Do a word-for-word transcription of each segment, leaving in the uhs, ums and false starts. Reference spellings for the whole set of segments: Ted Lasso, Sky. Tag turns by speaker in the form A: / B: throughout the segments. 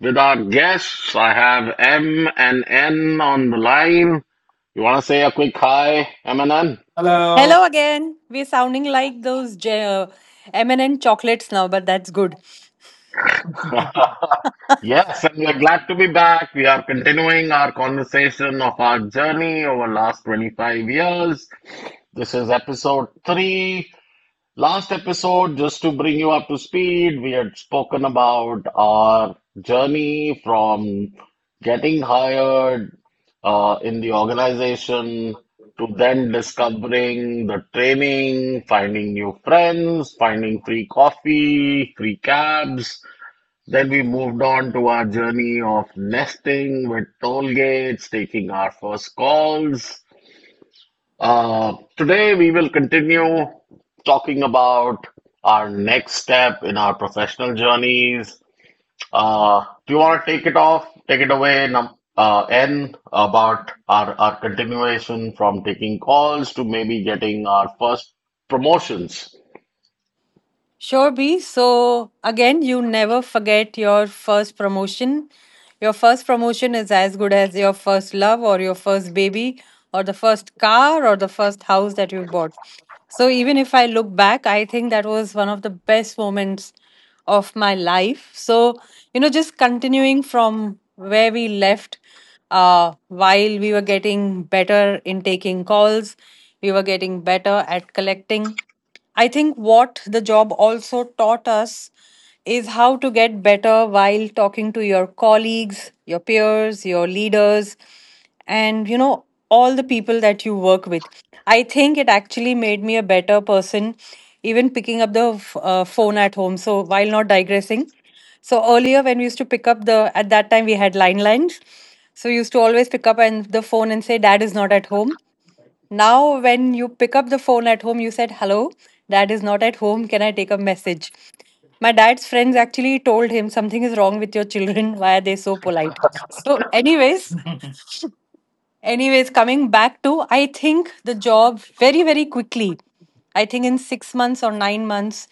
A: with our guests. I have M and N on the line. You want to say a quick hi, M and N?
B: Hello.
C: Hello again. We're sounding like those J- uh, M and M chocolates now, but that's good.
A: Yes, and we're glad to be back. We are continuing our conversation of our journey over last twenty-five years. This is episode three. Last episode, just to bring you up to speed, we had spoken about our journey from getting hired uh, in the organization to then discovering the training, finding new friends, finding free coffee, free cabs. Then we moved on to our journey of nesting with toll gates, taking our first calls uh, today, we will continue talking about our next step in our professional journeys. Uh, do you want to take it off, take it away, num uh, N, about our, our continuation from taking calls to maybe getting our first promotions?
C: Sure, B. So again, you never forget your first promotion. Your first promotion is as good as your first love or your first baby or the first car or the first house that you bought. So even if I look back, I think that was one of the best moments of my life. So, you know, just continuing from where we left, uh, while we were getting better in taking calls, we were getting better at collecting. I think what the job also taught us is how to get better while talking to your colleagues, your peers, your leaders, and you know, all the people that you work with. I think it actually made me a better person, even picking up the f- uh, phone at home. So, while not digressing, so earlier when we used to pick up the, at that time we had line lines. So, we used to always pick up and the phone and say, Dad is not at home. Now, when you pick up the phone at home, you said, Hello, dad is not at home. Can I take a message? My dad's friends actually told him something is wrong with your children. Why are they so polite? So, anyways, anyways, coming back to, I think the job very, very quickly, I think in six months or nine months,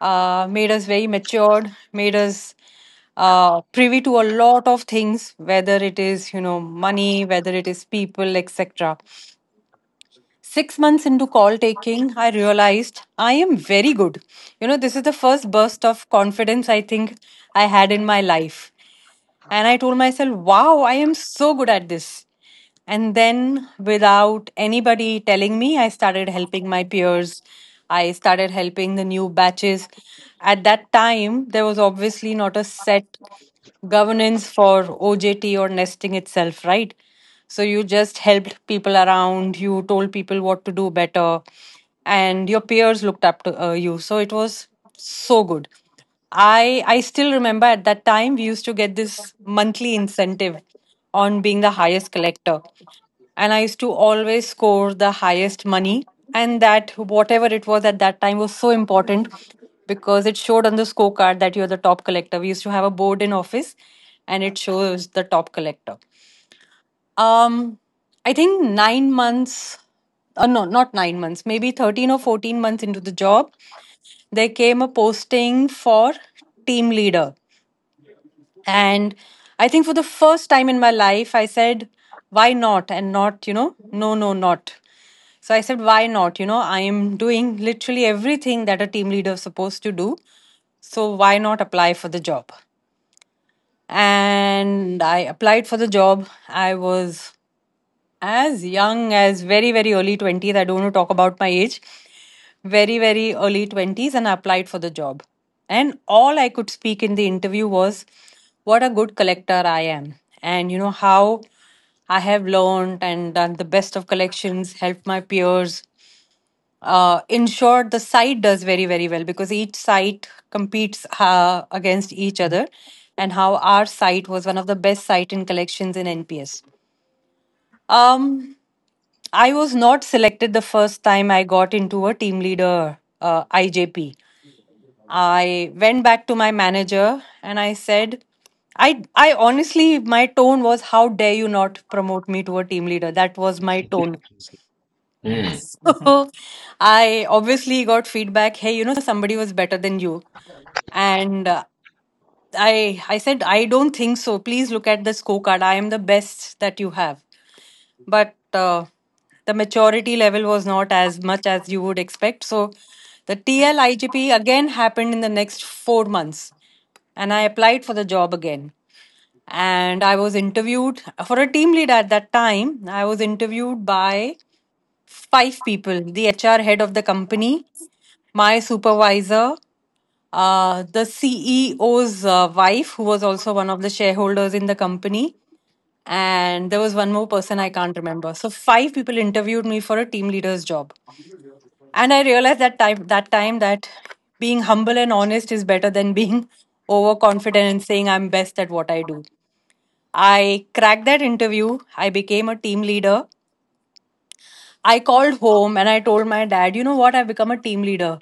C: uh, made us very matured, made us uh, privy to a lot of things, whether it is, you know, money, whether it is people, et cetera. Six months into call taking, I realized I am very good. You know, this is the first burst of confidence I think I had in my life. And I told myself, wow, I am so good at this. And then, without anybody telling me, I started helping my peers. I started helping the new batches. At that time, there was obviously not a set governance for O J T or nesting itself, right? So you just helped people around, you told people what to do better, and your peers looked up to uh, you. So it was so good. I I still remember at that time we used to get this monthly incentive on being the highest collector, and I used to always score the highest money. And that whatever it was at that time was so important because it showed on the scorecard that you're the top collector. We used to have a board in office and it shows the top collector. Um, I think nine months, uh, no, not nine months, maybe thirteen or fourteen months into the job, there came a posting for team leader. And I think for the first time in my life, I said, why not? And not, you know, no, no, not. So I said, why not? You know, I am doing literally everything that a team leader is supposed to do. So why not apply for the job? And I applied for the job. I was as young as very, very early twenties. I don't want to talk about my age. Very, very early twenties. And I applied for the job, and all I could speak in the interview was what a good collector I am, and you know how I have learned and done the best of collections, helped my peers, uh, in short, the site does very, very well because each site competes uh, against each other, and how our site was one of the best site in collections in N P S. um, I was not selected the first time I got into a team leader uh, I J P. I went back to my manager and I said, I, I honestly, my tone was, How dare you not promote me to a team leader? That was my tone.
A: Hmm.
C: So I obviously got feedback, Hey, you know, somebody was better than you. And uh, I, I said, I don't think so. Please look at the scorecard. I am the best that you have. but uh, the maturity level was not as much as you would expect. So the T L I G P again happened in the next four months, and I applied for the job again. And I was interviewed for a team lead at that time. I was interviewed by five people, the H R head of the company, my supervisor, uh, the C E O's uh, wife, who was also one of the shareholders in the company, and there was one more person I can't remember. So five people interviewed me for a team leader's job, and I realized that time that time that being humble and honest is better than being overconfident and saying I'm best at what I do. I cracked that interview. I became a team leader. I called home and I told my dad, you know what? I've become a team leader.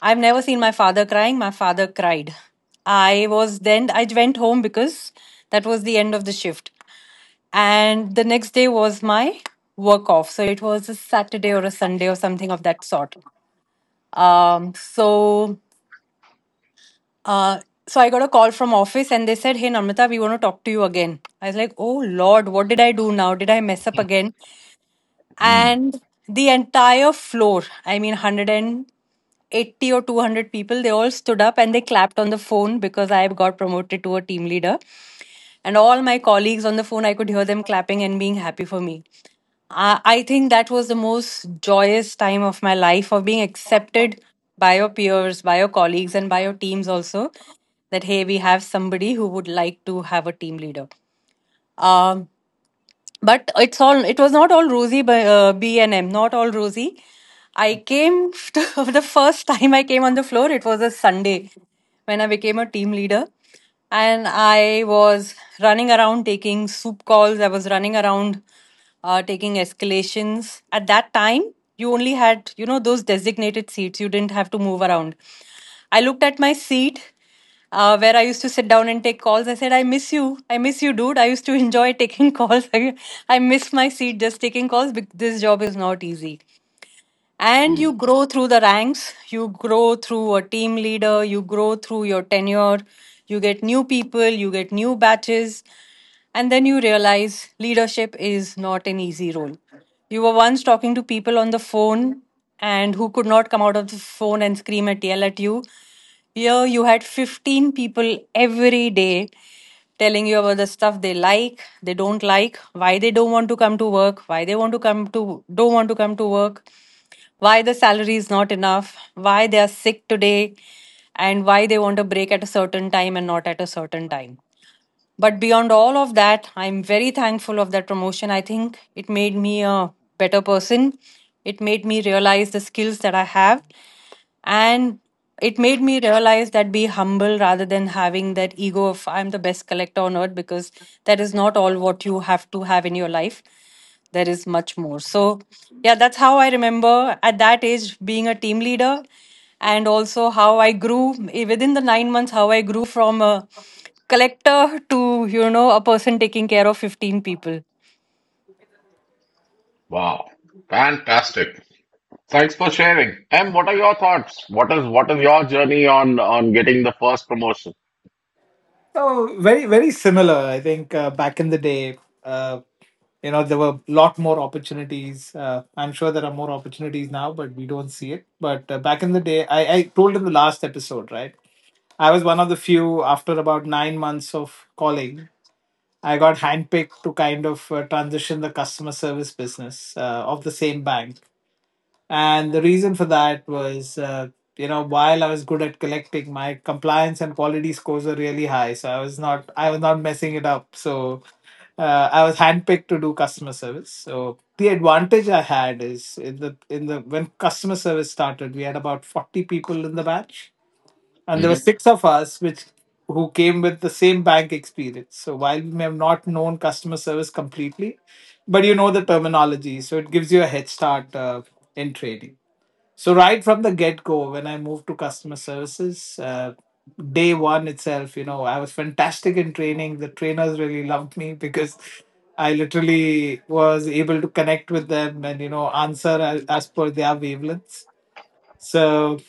C: I've never seen my father crying. My father cried. I was Then I went home because that was the end of the shift. And the next day was my work off. So it was a Saturday or a Sunday or something of that sort. Um, so uh, so I got a call from office and they said, Hey Namrata, we want to talk to you again. I was like, Oh Lord, what did I do now? Did I mess up again?
A: Hmm.
C: And the entire floor, I mean one hundred eighty or two hundred people, they all stood up and they clapped on the phone because I got promoted to a team leader. And all my colleagues on the phone, I could hear them clapping and being happy for me. I I think that was the most joyous time of my life of being accepted by your peers, by your colleagues, and by your teams also. That, hey, we have somebody who would like to have a team leader. Um, but it's all it was not all rosy by uh, b&m, not all rosy. I came to, the first time I came on the floor it was a Sunday when I became a team leader, and I was running around taking soup calls. I was running around uh, taking escalations. At that time you only had you know those designated seats, you didn't have to move around. I looked at my seat uh, where I used to sit down and take calls. I said, I miss you. I miss you, dude. I used to enjoy taking calls. I, I miss my seat just taking calls because this job is not easy, and
A: Hmm.
C: you grow through the ranks, you grow through a team leader, you grow through your tenure, you get new people, you get new batches, and then you realize leadership is not an easy role. You were once talking to people on the phone and who could not come out of the phone and scream and yell at you. Here you had fifteen people every day telling you about the stuff they like, they don't like, why they don't want to come to work, why they want to come to don't want to come to work, why the salary is not enough, why they are sick today, and why they want a break at a certain time and not at a certain time. But beyond all of that, I'm very thankful of that promotion. I think it made me a better person. It made me realize the skills that I have, and it made me realize that be humble rather than having that ego of I'm the best collector on earth because that is not all what you have to have in your life. There is much more. So, yeah, that's how I remember at that age being a team leader, and also how I grew eh, within the nine months, how I grew from a collector to, you know, a person taking care of fifteen people.
A: Wow. Fantastic. Thanks for sharing. M, what are your thoughts? What is what is your journey on on getting the first promotion?
B: Oh, very, very similar. I think uh, back in the day, uh, you know, there were a lot more opportunities. Uh, I'm sure there are more opportunities now, but we don't see it. But uh, back in the day, I, I told in the last episode, right? I was one of the few after about nine months of calling. I got handpicked to kind of uh, transition the customer service business uh, of the same bank. And the reason for that was, uh, you know, while I was good at collecting, my compliance and quality scores were really high. So I was not, I was not messing it up. So uh, I was handpicked to do customer service. So the advantage I had is in the in the when customer service started, we had about forty people in the batch, and there were
A: Mm
B: six of us, which who came with the same bank experience. So while we may have not known customer service completely, but you know the terminology, so it gives you a head start uh, in trading. So right from the get go, when I moved to customer services, uh, day one itself, you know, I was fantastic in training. The trainers really loved me because I literally was able to connect with them and you know answer as, as per their wavelengths. So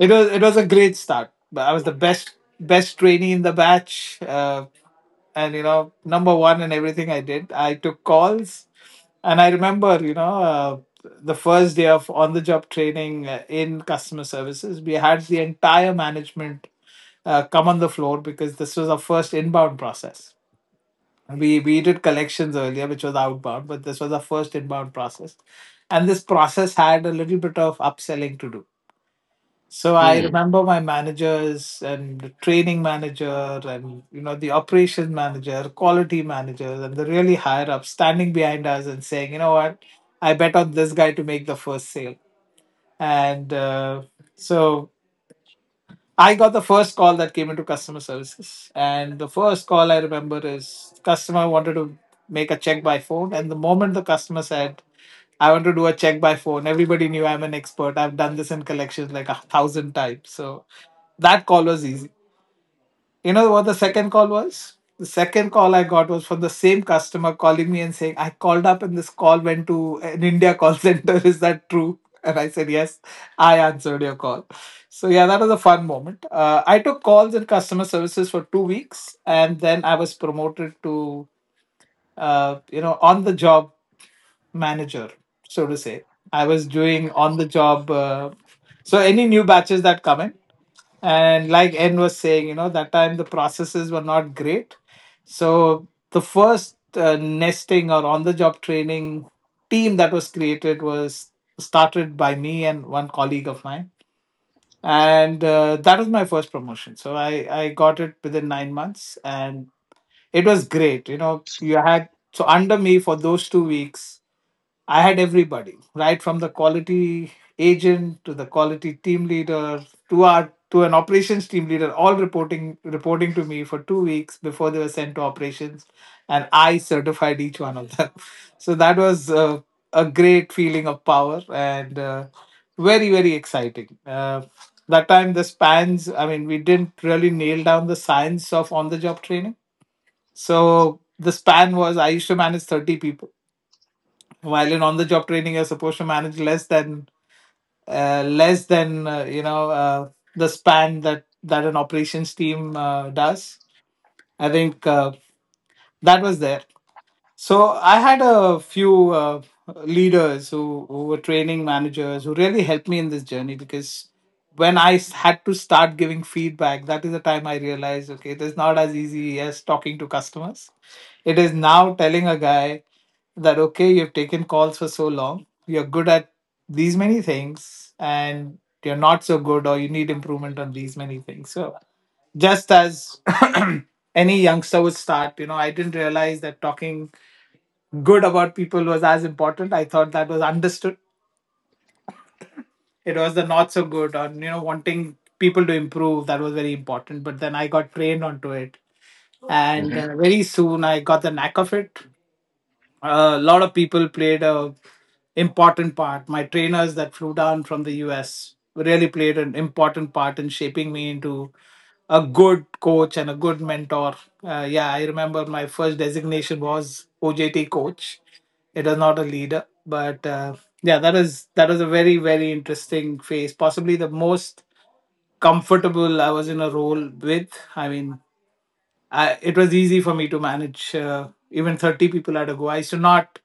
B: it was it was a great start. But I was the best best trainee in the batch. Uh, and you know Number one and everything I did, I took calls and I remember you know uh, the first day of on the job training uh, in customer services, we had the entire management uh, come on the floor because this was our first inbound process. We we did collections earlier, which was outbound, but this was our first inbound process, and this process had a little bit of upselling to do. So I
A: hmm.
B: remember my managers and the training manager and you know the operations manager, quality managers, and the really higher up standing behind us and saying, you know what, I bet on this guy to make the first sale. And uh, so I got the first call that came into customer services, and the first call I remember is customer wanted to make a check by phone, and the moment the customer said I want to do a check by phone. Everybody knew I'm an expert. I've done this in collections like a thousand times. So that call was easy. You know what the second call was? The second call I got was from the same customer calling me and saying, I called up and this call went to an India call center. Is that true? And I said, Yes, I answered your call. So, yeah, that was a fun moment. Uh, I took calls in customer services for two weeks and then I was promoted to, uh, you know, on the job manager, so to say. I was doing
A: Wow.
B: on the job. Uh, so any new batches that come in, and like N was saying, you know, that time the processes were not great. So the first uh, nesting or on the job training team that was created was started by me and one colleague of mine, and uh, that was my first promotion. So i i got it within nine months and it was great. You know, you had so under me for those two weeks I had everybody, right from the quality agent to the quality team leader to our to an operations team leader, all reporting reporting to me for two weeks before they were sent to operations, and I certified each one of them. So that was uh, a great feeling of power and uh, very, very exciting. Uh, that time the spans, I mean, we didn't really nail down the science of on the job training. So the span was I used to manage thirty people while in on-the-job training, you're supposed to manage less than uh, less than uh, you know uh, the span that that an operations team uh, does. I think uh, that was there. So I had a few uh, leaders who, who were training managers who really helped me in this journey because when I s- had to start giving feedback, that is the time I realized okay, it is not as easy as talking to customers. It is now telling a guy that okay, you've taken calls for so long, you're good at these many things, and you're not so good, or you need improvement on these many things. So just as any youngster would start, you know, I didn't realize that talking good about people was as important. I thought that was understood. It was the not so good, or you know wanting people to improve, that was very important. But then I got trained onto it, and uh, very soon I got the knack of it. A lot of people played a important part. My trainers that flew down from the U S really played an important part in shaping me into a good coach and a good mentor. Uh, yeah, I remember my first designation was O J T coach. It was not a leader, but uh, yeah, that is that was a very, very interesting phase. Possibly the most comfortable I was in a role with. I mean, I, it was easy for me to manage uh, even thirty people at a go. I used to not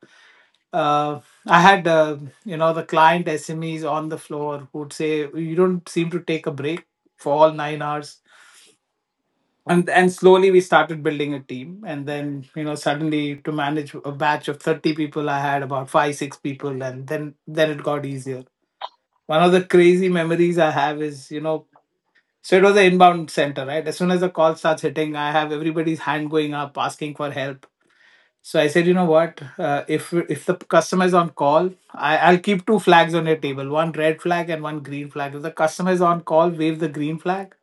B: uh, I had uh, you know the client S M Es on the floor who'd say you don't seem to take a break for all nine hours, and and slowly we started building a team, and then you know suddenly to manage a batch of thirty people, I had about five six people, and then then it got easier. One of the crazy memories I have is you know. So it was an inbound center, right? As soon as the call starts hitting, I have everybody's hand going up, asking for help. So I said, you know what? Uh, if if the customer is on call, I, I'll keep two flags on your table, one red flag and one green flag. If the customer is on call, wave the green flag.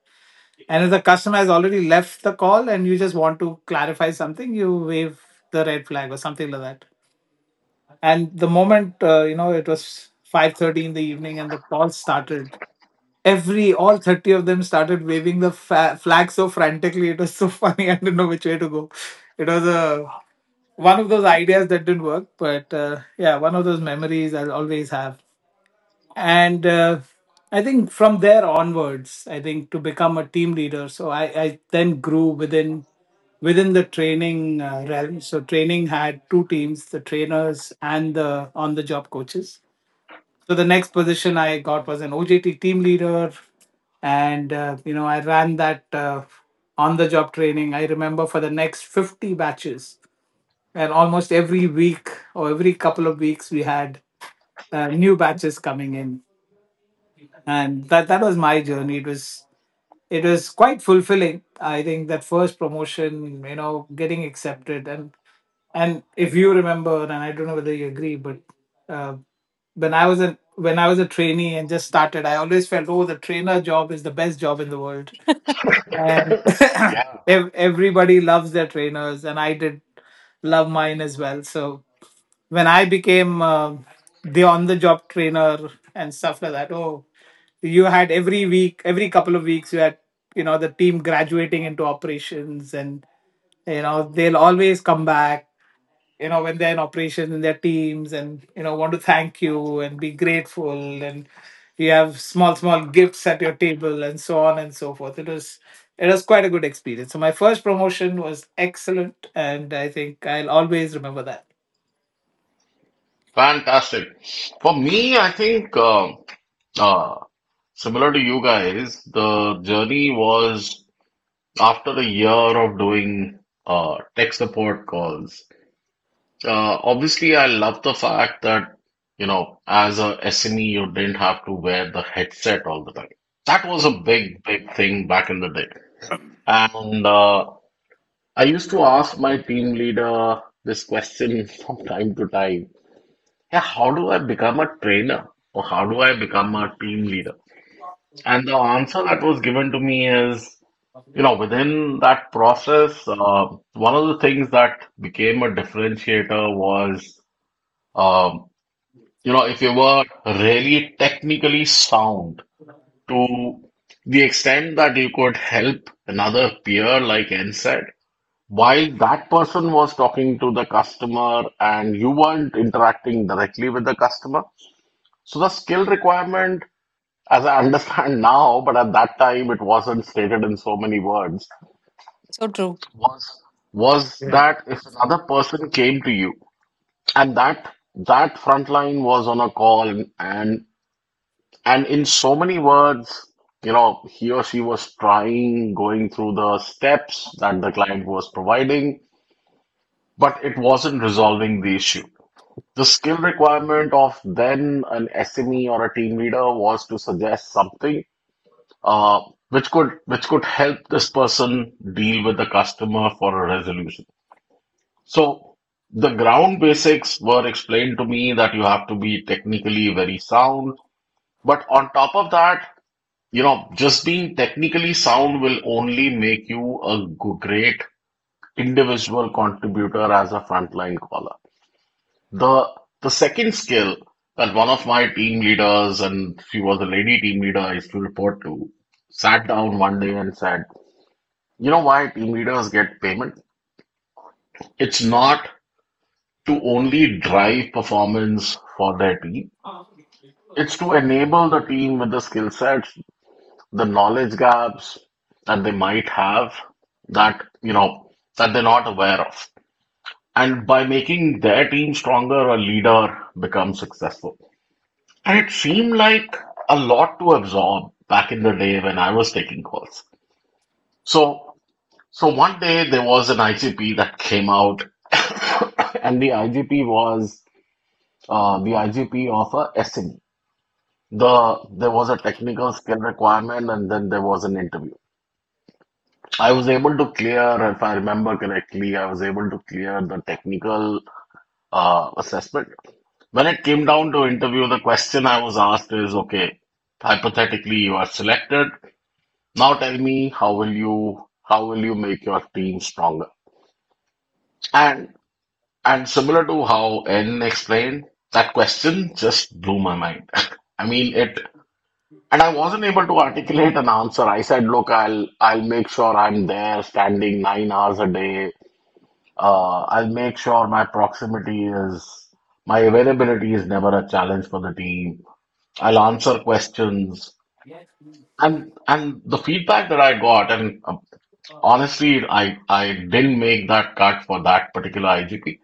B: And if the customer has already left the call and you just want to clarify something, you wave the red flag or something like that. And the moment uh, you know it was five thirty in the evening and the call started, every all thirty of them started waving the fa- flag so frantically. It was so funny. I didn't know which way to go. It was a one of those ideas that didn't work, but uh, yeah, one of those memories I'll always have. And uh, I think from there onwards, I think to become a team leader, so I, I then grew within within the training uh, realm. So training had two teams: the trainers and the on-the-job coaches. So the next position I got was an O J T team leader, and uh, you know I ran that uh, on-the-job training. I remember for the next fifty batches and almost every week or every couple of weeks we had uh, new batches coming in, and that that was my journey. It was it was quite fulfilling. I think that first promotion, you know, getting accepted, and and if you remember, and I don't know whether you agree, but uh, when i was a when I was a trainee and just started, I always felt oh the trainer job is the best job in the world, and
A: Yeah,
B: ev- everybody loves their trainers, and I did love mine as well. So when I became uh, the on the job trainer and stuff like that, oh, you had every week, every couple of weeks, you had, you know, the team graduating into operations and, you know, they'll always come back, you know, when they're in operations in their teams and, you know, want to thank you and be grateful. And you have small, small gifts at your table and so on and so forth. It was, it was quite a good experience. So my first promotion was excellent. And I think I'll always remember that.
A: fantastic. For me, I think um uh, similar to you guys, the journey was after a year of doing uh, tech support calls. Uh, obviously, I love the fact that you know, as a S M E, you didn't have to wear the headset all the time. That was a big, big thing back in the day. And uh, I used to ask my team leader this question from time to time. Yeah, how do I become a trainer or how do I become a team leader? And the answer that was given to me is, you know, within that process, uh, one of the things that became a differentiator was, um, you know, if you were really technically sound to the extent that you could help another peer, like N said, while that person was talking to the customer and you weren't interacting directly with the customer. So the skill requirement, as I understand now, but at that time it wasn't stated in so many words,
C: So true.
A: was was that if another person came to you and that that front line was on a call and and in so many words, you know, he or she was trying, going through the steps that the client was providing, but it wasn't resolving the issue. The skill requirement of then an S M E or a team leader was to suggest something uh, which could which could help this person deal with the customer for a resolution. So the ground basics were explained to me that you have to be technically very sound, but on top of that, you know, just being technically sound will only make you a great individual contributor as a frontline caller. The the second skill that one of my team leaders and she was a lady team leader I used to report to sat down one day and said, "You know why team leaders get payment? It's not to only drive performance for their team, it's to enable the team with the skill sets, the knowledge gaps that they might have that, you know, that they're not aware of. And by making their team stronger, a leader becomes successful." And it seemed like a lot to absorb back in the day when I was taking calls. So So one day there was an I G P that came out, and the I G P was uh, the I G P of a S M E. The there was a technical skill requirement, and then there was an interview. I was able to clear, if I remember correctly, I was able to clear the technical uh, assessment. When it came down to interview, the question I was asked is, okay, hypothetically you are selected. Now tell me, how will you how will you make your team stronger? And And similar to how N explained, that question just blew my mind. I mean it, and I wasn't able to articulate an answer. I said, look, I'll I'll make sure I'm there standing nine hours a day. Uh, I'll make sure my proximity is my availability is never a challenge for the team. I'll answer questions. And and the feedback that I got, and uh, honestly, I I didn't make that cut for that particular I G P.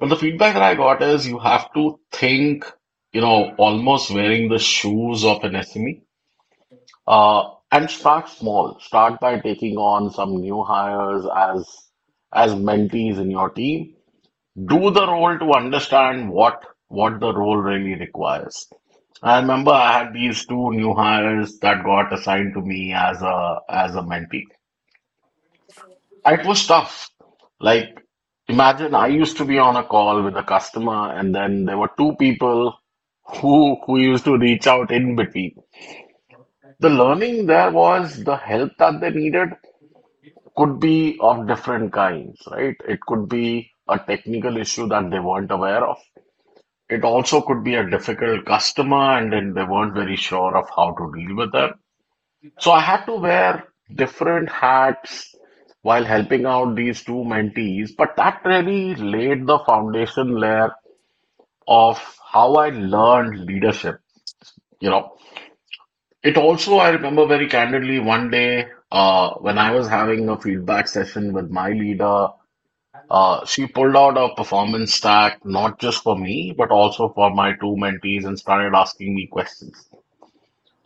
A: Well, the feedback that I got is you have to think, you know, almost wearing the shoes of an S M E, uh, and start small. Start by taking on some new hires as as mentees in your team. Do the role to understand what what the role really requires. I remember I had these two new hires that got assigned to me as a as a mentee. It was tough. Like, imagine I used to be on a call with a customer, and then there were two people who who used to reach out in between. The learning there was the help that they needed could be of different kinds, right? It could be a technical issue that they weren't aware of. It also could be a difficult customer, and then they weren't very sure of how to deal with it. So I had to wear different hats while helping out these two mentees, but that really laid the foundation layer of how I learned leadership. You know, it also, I remember very candidly one day uh, when I was having a feedback session with my leader, uh, she pulled out a performance stack, not just for me, but also for my two mentees and started asking me questions,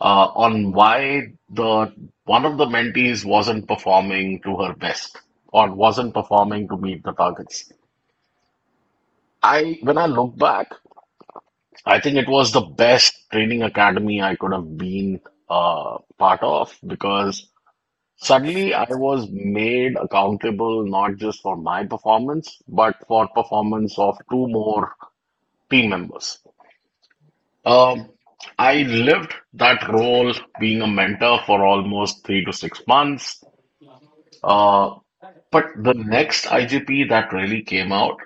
A: uh, on why the one of the mentees wasn't performing to her best or wasn't performing to meet the targets. I, when I look back, I think it was the best training academy I could have been uh, part of because suddenly I was made accountable not just for my performance, but for performance of two more team members. Um, I lived that role being a mentor for almost three to six months. Uh, but the next I G P that really came out,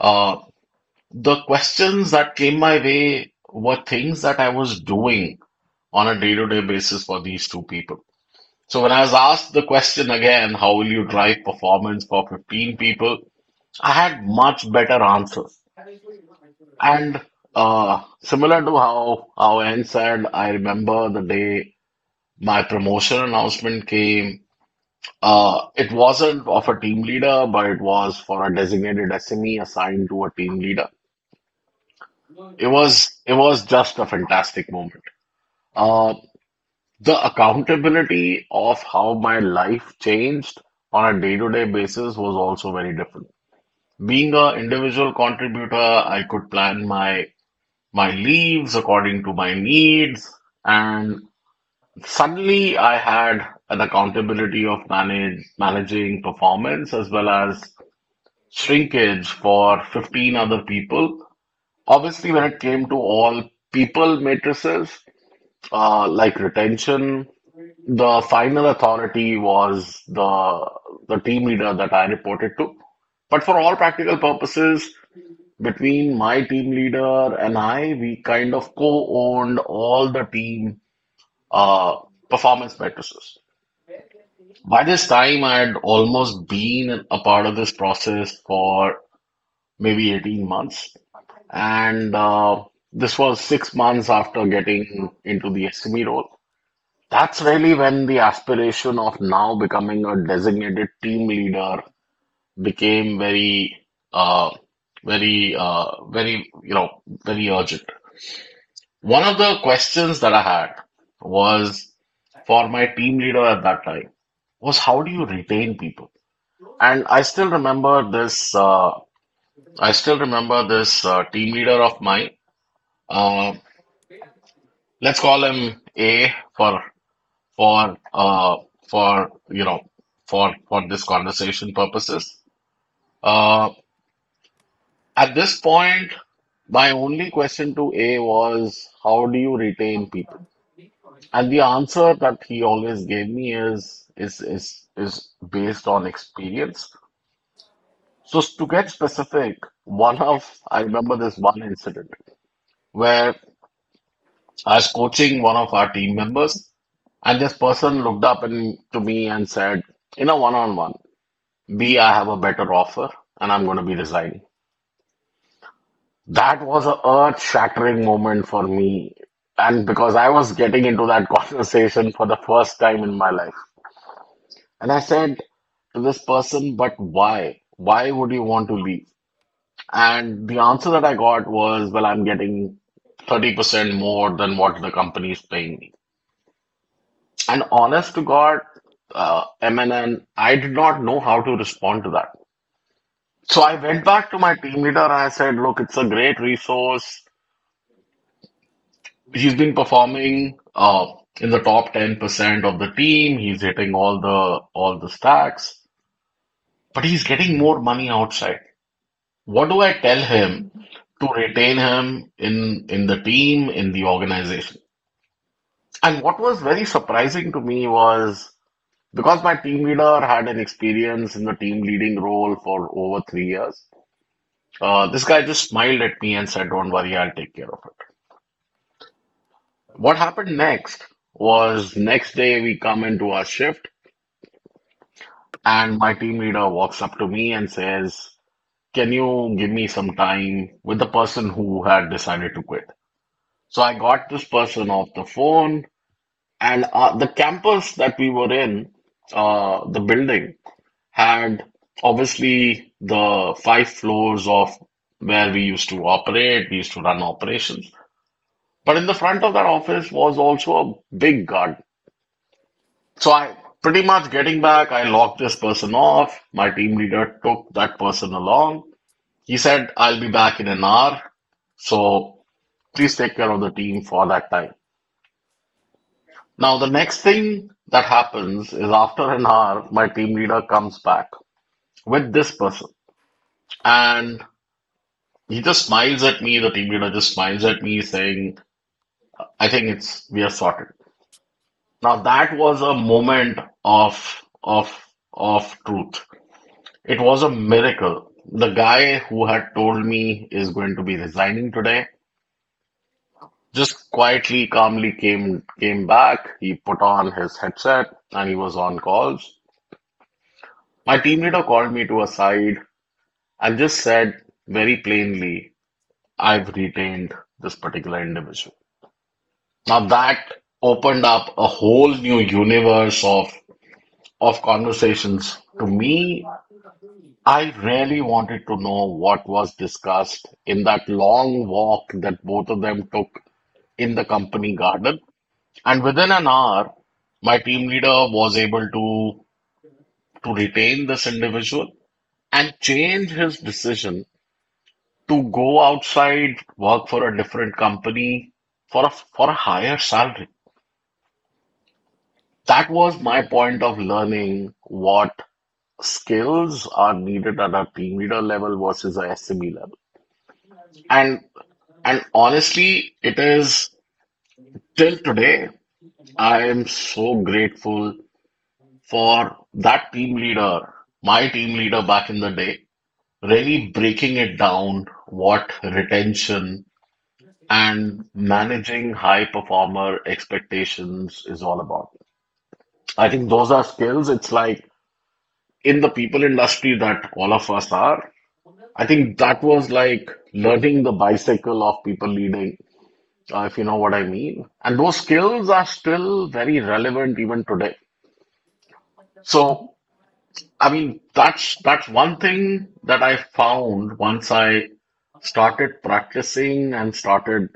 A: uh, the questions that came my way were things that I was doing on a day-to-day basis for these two people. So when I was asked the question again, how will you drive performance for fifteen people? I had much better answers. And uh, similar to how how Ann said, I remember the day my promotion announcement came. Uh, it wasn't of a team leader, but it was for a designated S M E assigned to a team leader. It was it was just a fantastic moment. Uh, the accountability of how my life changed on a day-to-day basis was also very different. Being an individual contributor, I could plan my my leaves according to my needs, and suddenly I had an accountability of manage managing performance as well as shrinkage for fifteen other people. Obviously, when it came to all people matrices, uh, like retention, the final authority was the the team leader that I reported to. But for all practical purposes, between my team leader and I, we kind of co-owned all the team uh, performance matrices. By this time, I had almost been a part of this process for maybe eighteen months. And uh, this was six months after getting into the S M E role. That's really when the aspiration of now becoming a designated team leader became very, uh, very, uh, very, you know, very urgent. One of the questions that I had was for my team leader at that time was how do you retain people? And I still remember this. Uh, I still remember this uh, team leader of mine. Uh, Let's call him A for for uh for you know for for this conversation purposes. Uh, at this point, my only question to A was how do you retain people? And the answer that he always gave me is is is is based on experience. So to get specific, one of I remember this one incident where I was coaching one of our team members, and this person looked up and to me and said, "You know, one on one, B, I have a better offer, and I'm going to be resigning." That was a earth-shattering moment for me, and because I was getting into that conversation for the first time in my life, and I said to this person, "But why? Why would you want to leave?" And the answer that I got was, "Well, I'm getting thirty percent more than what the company is paying me." And honest to God, uh, M N N, I did not know how to respond to that. So I went back to my team leader and I said, look, it's a great resource. He's been performing uh, in the top ten percent of the team. He's hitting all the all the stacks, but he's getting more money outside. What do I tell him to retain him in in the team, in the organization? And what was very surprising to me was Because my team leader had an experience in the team leading role for over three years, uh, this guy just smiled at me and said, "Don't worry, I'll take care of it." What happened next was next day we come into our shift, and my team leader walks up to me and says, "Can you give me some time with the person who had decided to quit?" So I got this person off the phone, and uh, the campus that we were in, uh, the building had obviously the five floors of where we used to operate, we used to run operations. But in the front of that office was also a big garden. So I pretty much getting back, I locked this person off. My team leader took that person along. He said, "I'll be back in an hour. So please take care of the team for that time." Now, the next thing that happens is after an hour, my team leader comes back with this person. And he just smiles at me, the team leader just smiles at me saying, "I think it's we are sorted." Now that was a moment of of of truth. It was a miracle. The guy who
D: You
A: had told me is going to be resigning today just quietly, calmly came came back. He put on his headset and he was on calls. My team leader called me to a side and just said very plainly, "I've retained this particular individual." Now that opened up a whole new universe of of conversations. To me, I really wanted to know what was discussed in that long walk that both of them took in the company garden. And within an hour, my team leader was able to to retain this individual and change his decision to go outside, work for a different company for a for a higher salary. That was my point of learning what skills are needed at a team leader level versus a S M E level. And and honestly, it is till today, I am so grateful for that team leader, my team leader back in the day, really breaking it down what retention and managing high performer expectations is all about. I think those are skills. It's like in the people industry that all of us are, I think that was like learning the bicycle of people leading, uh, if you know what I mean. And those skills are still very relevant even today. So, I mean, that's that's one thing that I found once I started practicing and started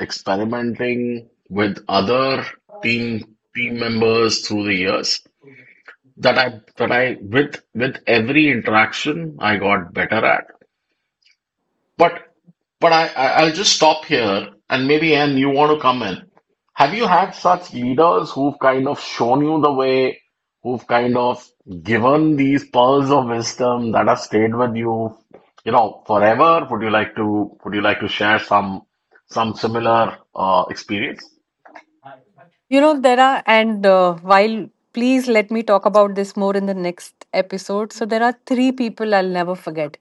A: experimenting with other team team members through the years that I that I with with every interaction I got better at. But but I, I I'll just stop here and maybe Anne, you want to come in. Have you had such leaders who've kind of shown you the way, who've kind of given these pearls of wisdom that have stayed with you, you know, forever? Would you like to would you like to share some some similar uh, experience?
D: know, there are, and uh, while please let me talk about this more in the next episode. So, there are three people I'll never forget.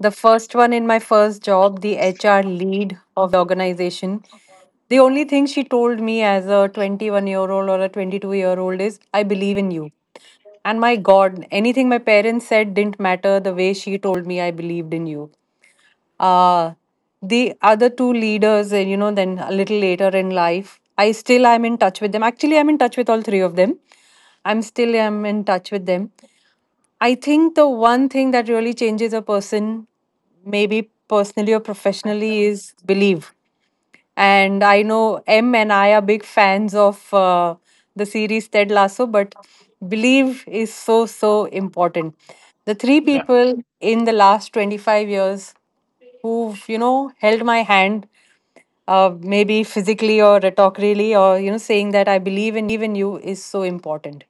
D: The first one, in my first job, the H R lead of the organization, the only thing she told me as a twenty-one year old or a twenty-two year old is, I believe in you. And my God, anything my parents said didn't matter the way she told me I believed in you. Uh, the other two leaders, uh, you know, then a little later in life, I still am in touch with them. Actually, I'm in touch with all three of them. I'm still am in touch with them. I think the one thing that really changes a person, maybe personally or professionally, is belief. And I know M and I are big fans of uh, the series Ted Lasso, but belief is so, so important. The three
A: Yeah,
D: people in the last twenty-five years who've, you know, held my hand, uh, maybe physically or rhetorically, or, you know, saying that I believe in you is so important.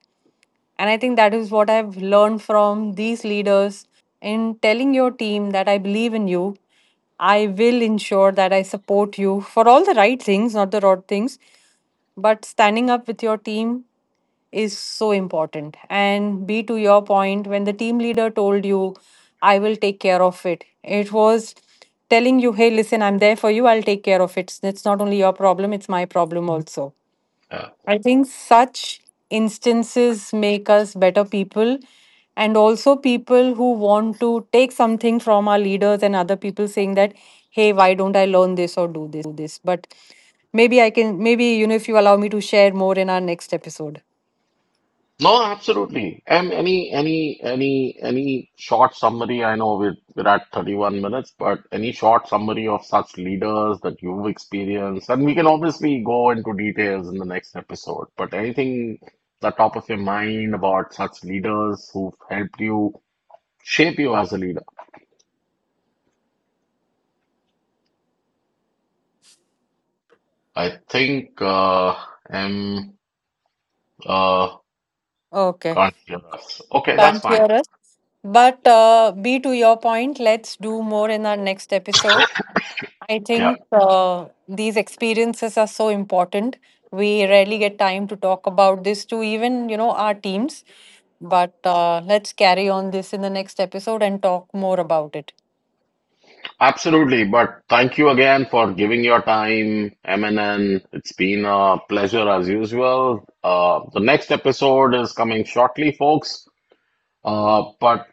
D: And I think that is what I've learned from these leaders, in telling your team that I believe in you. I will ensure that I support you for all the right things, not the wrong things. But standing up with your team is so important. And be to your point, when the team leader told you, I will take care of it, it was telling you, hey, listen, I'm there for you, I'll take care of it. It's not only your problem, it's my problem also.
A: yeah.
D: I think such instances make us better people, and also people who want to take something from our leaders and other people, saying that, hey, why don't I learn this or do this? But maybe I can, maybe, you know, if you allow me to share more in our next episode.
A: No, absolutely. And any any any any short summary, I know we're, we're at thirty-one minutes, but any short summary of such leaders that you've experienced, and we can obviously go into details in the next episode, but anything the top of your mind about such leaders who've helped you shape you as a leader? I think uh M uh
D: Okay.
A: can't hear us. Okay, that's
D: Can't hear
A: fine.
D: us. But uh, B, to your point, let's do more in our next episode. I
A: Yeah.
D: think uh, these experiences are so important. We rarely get time to talk about this to even, you know, our teams. But uh, let's carry on this in the next episode and talk more about it.
A: Absolutely, but thank you again for giving your time, M N N. It's been a pleasure as usual. Uh, the next episode is coming shortly, folks. Uh, but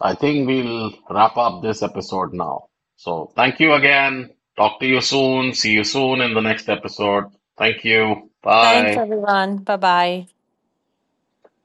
A: I think we'll wrap up this episode now. So thank you again. Talk to you soon. See you soon in the next episode. Thank you.
D: Thanks,
A: Bye.
D: everyone. Bye bye.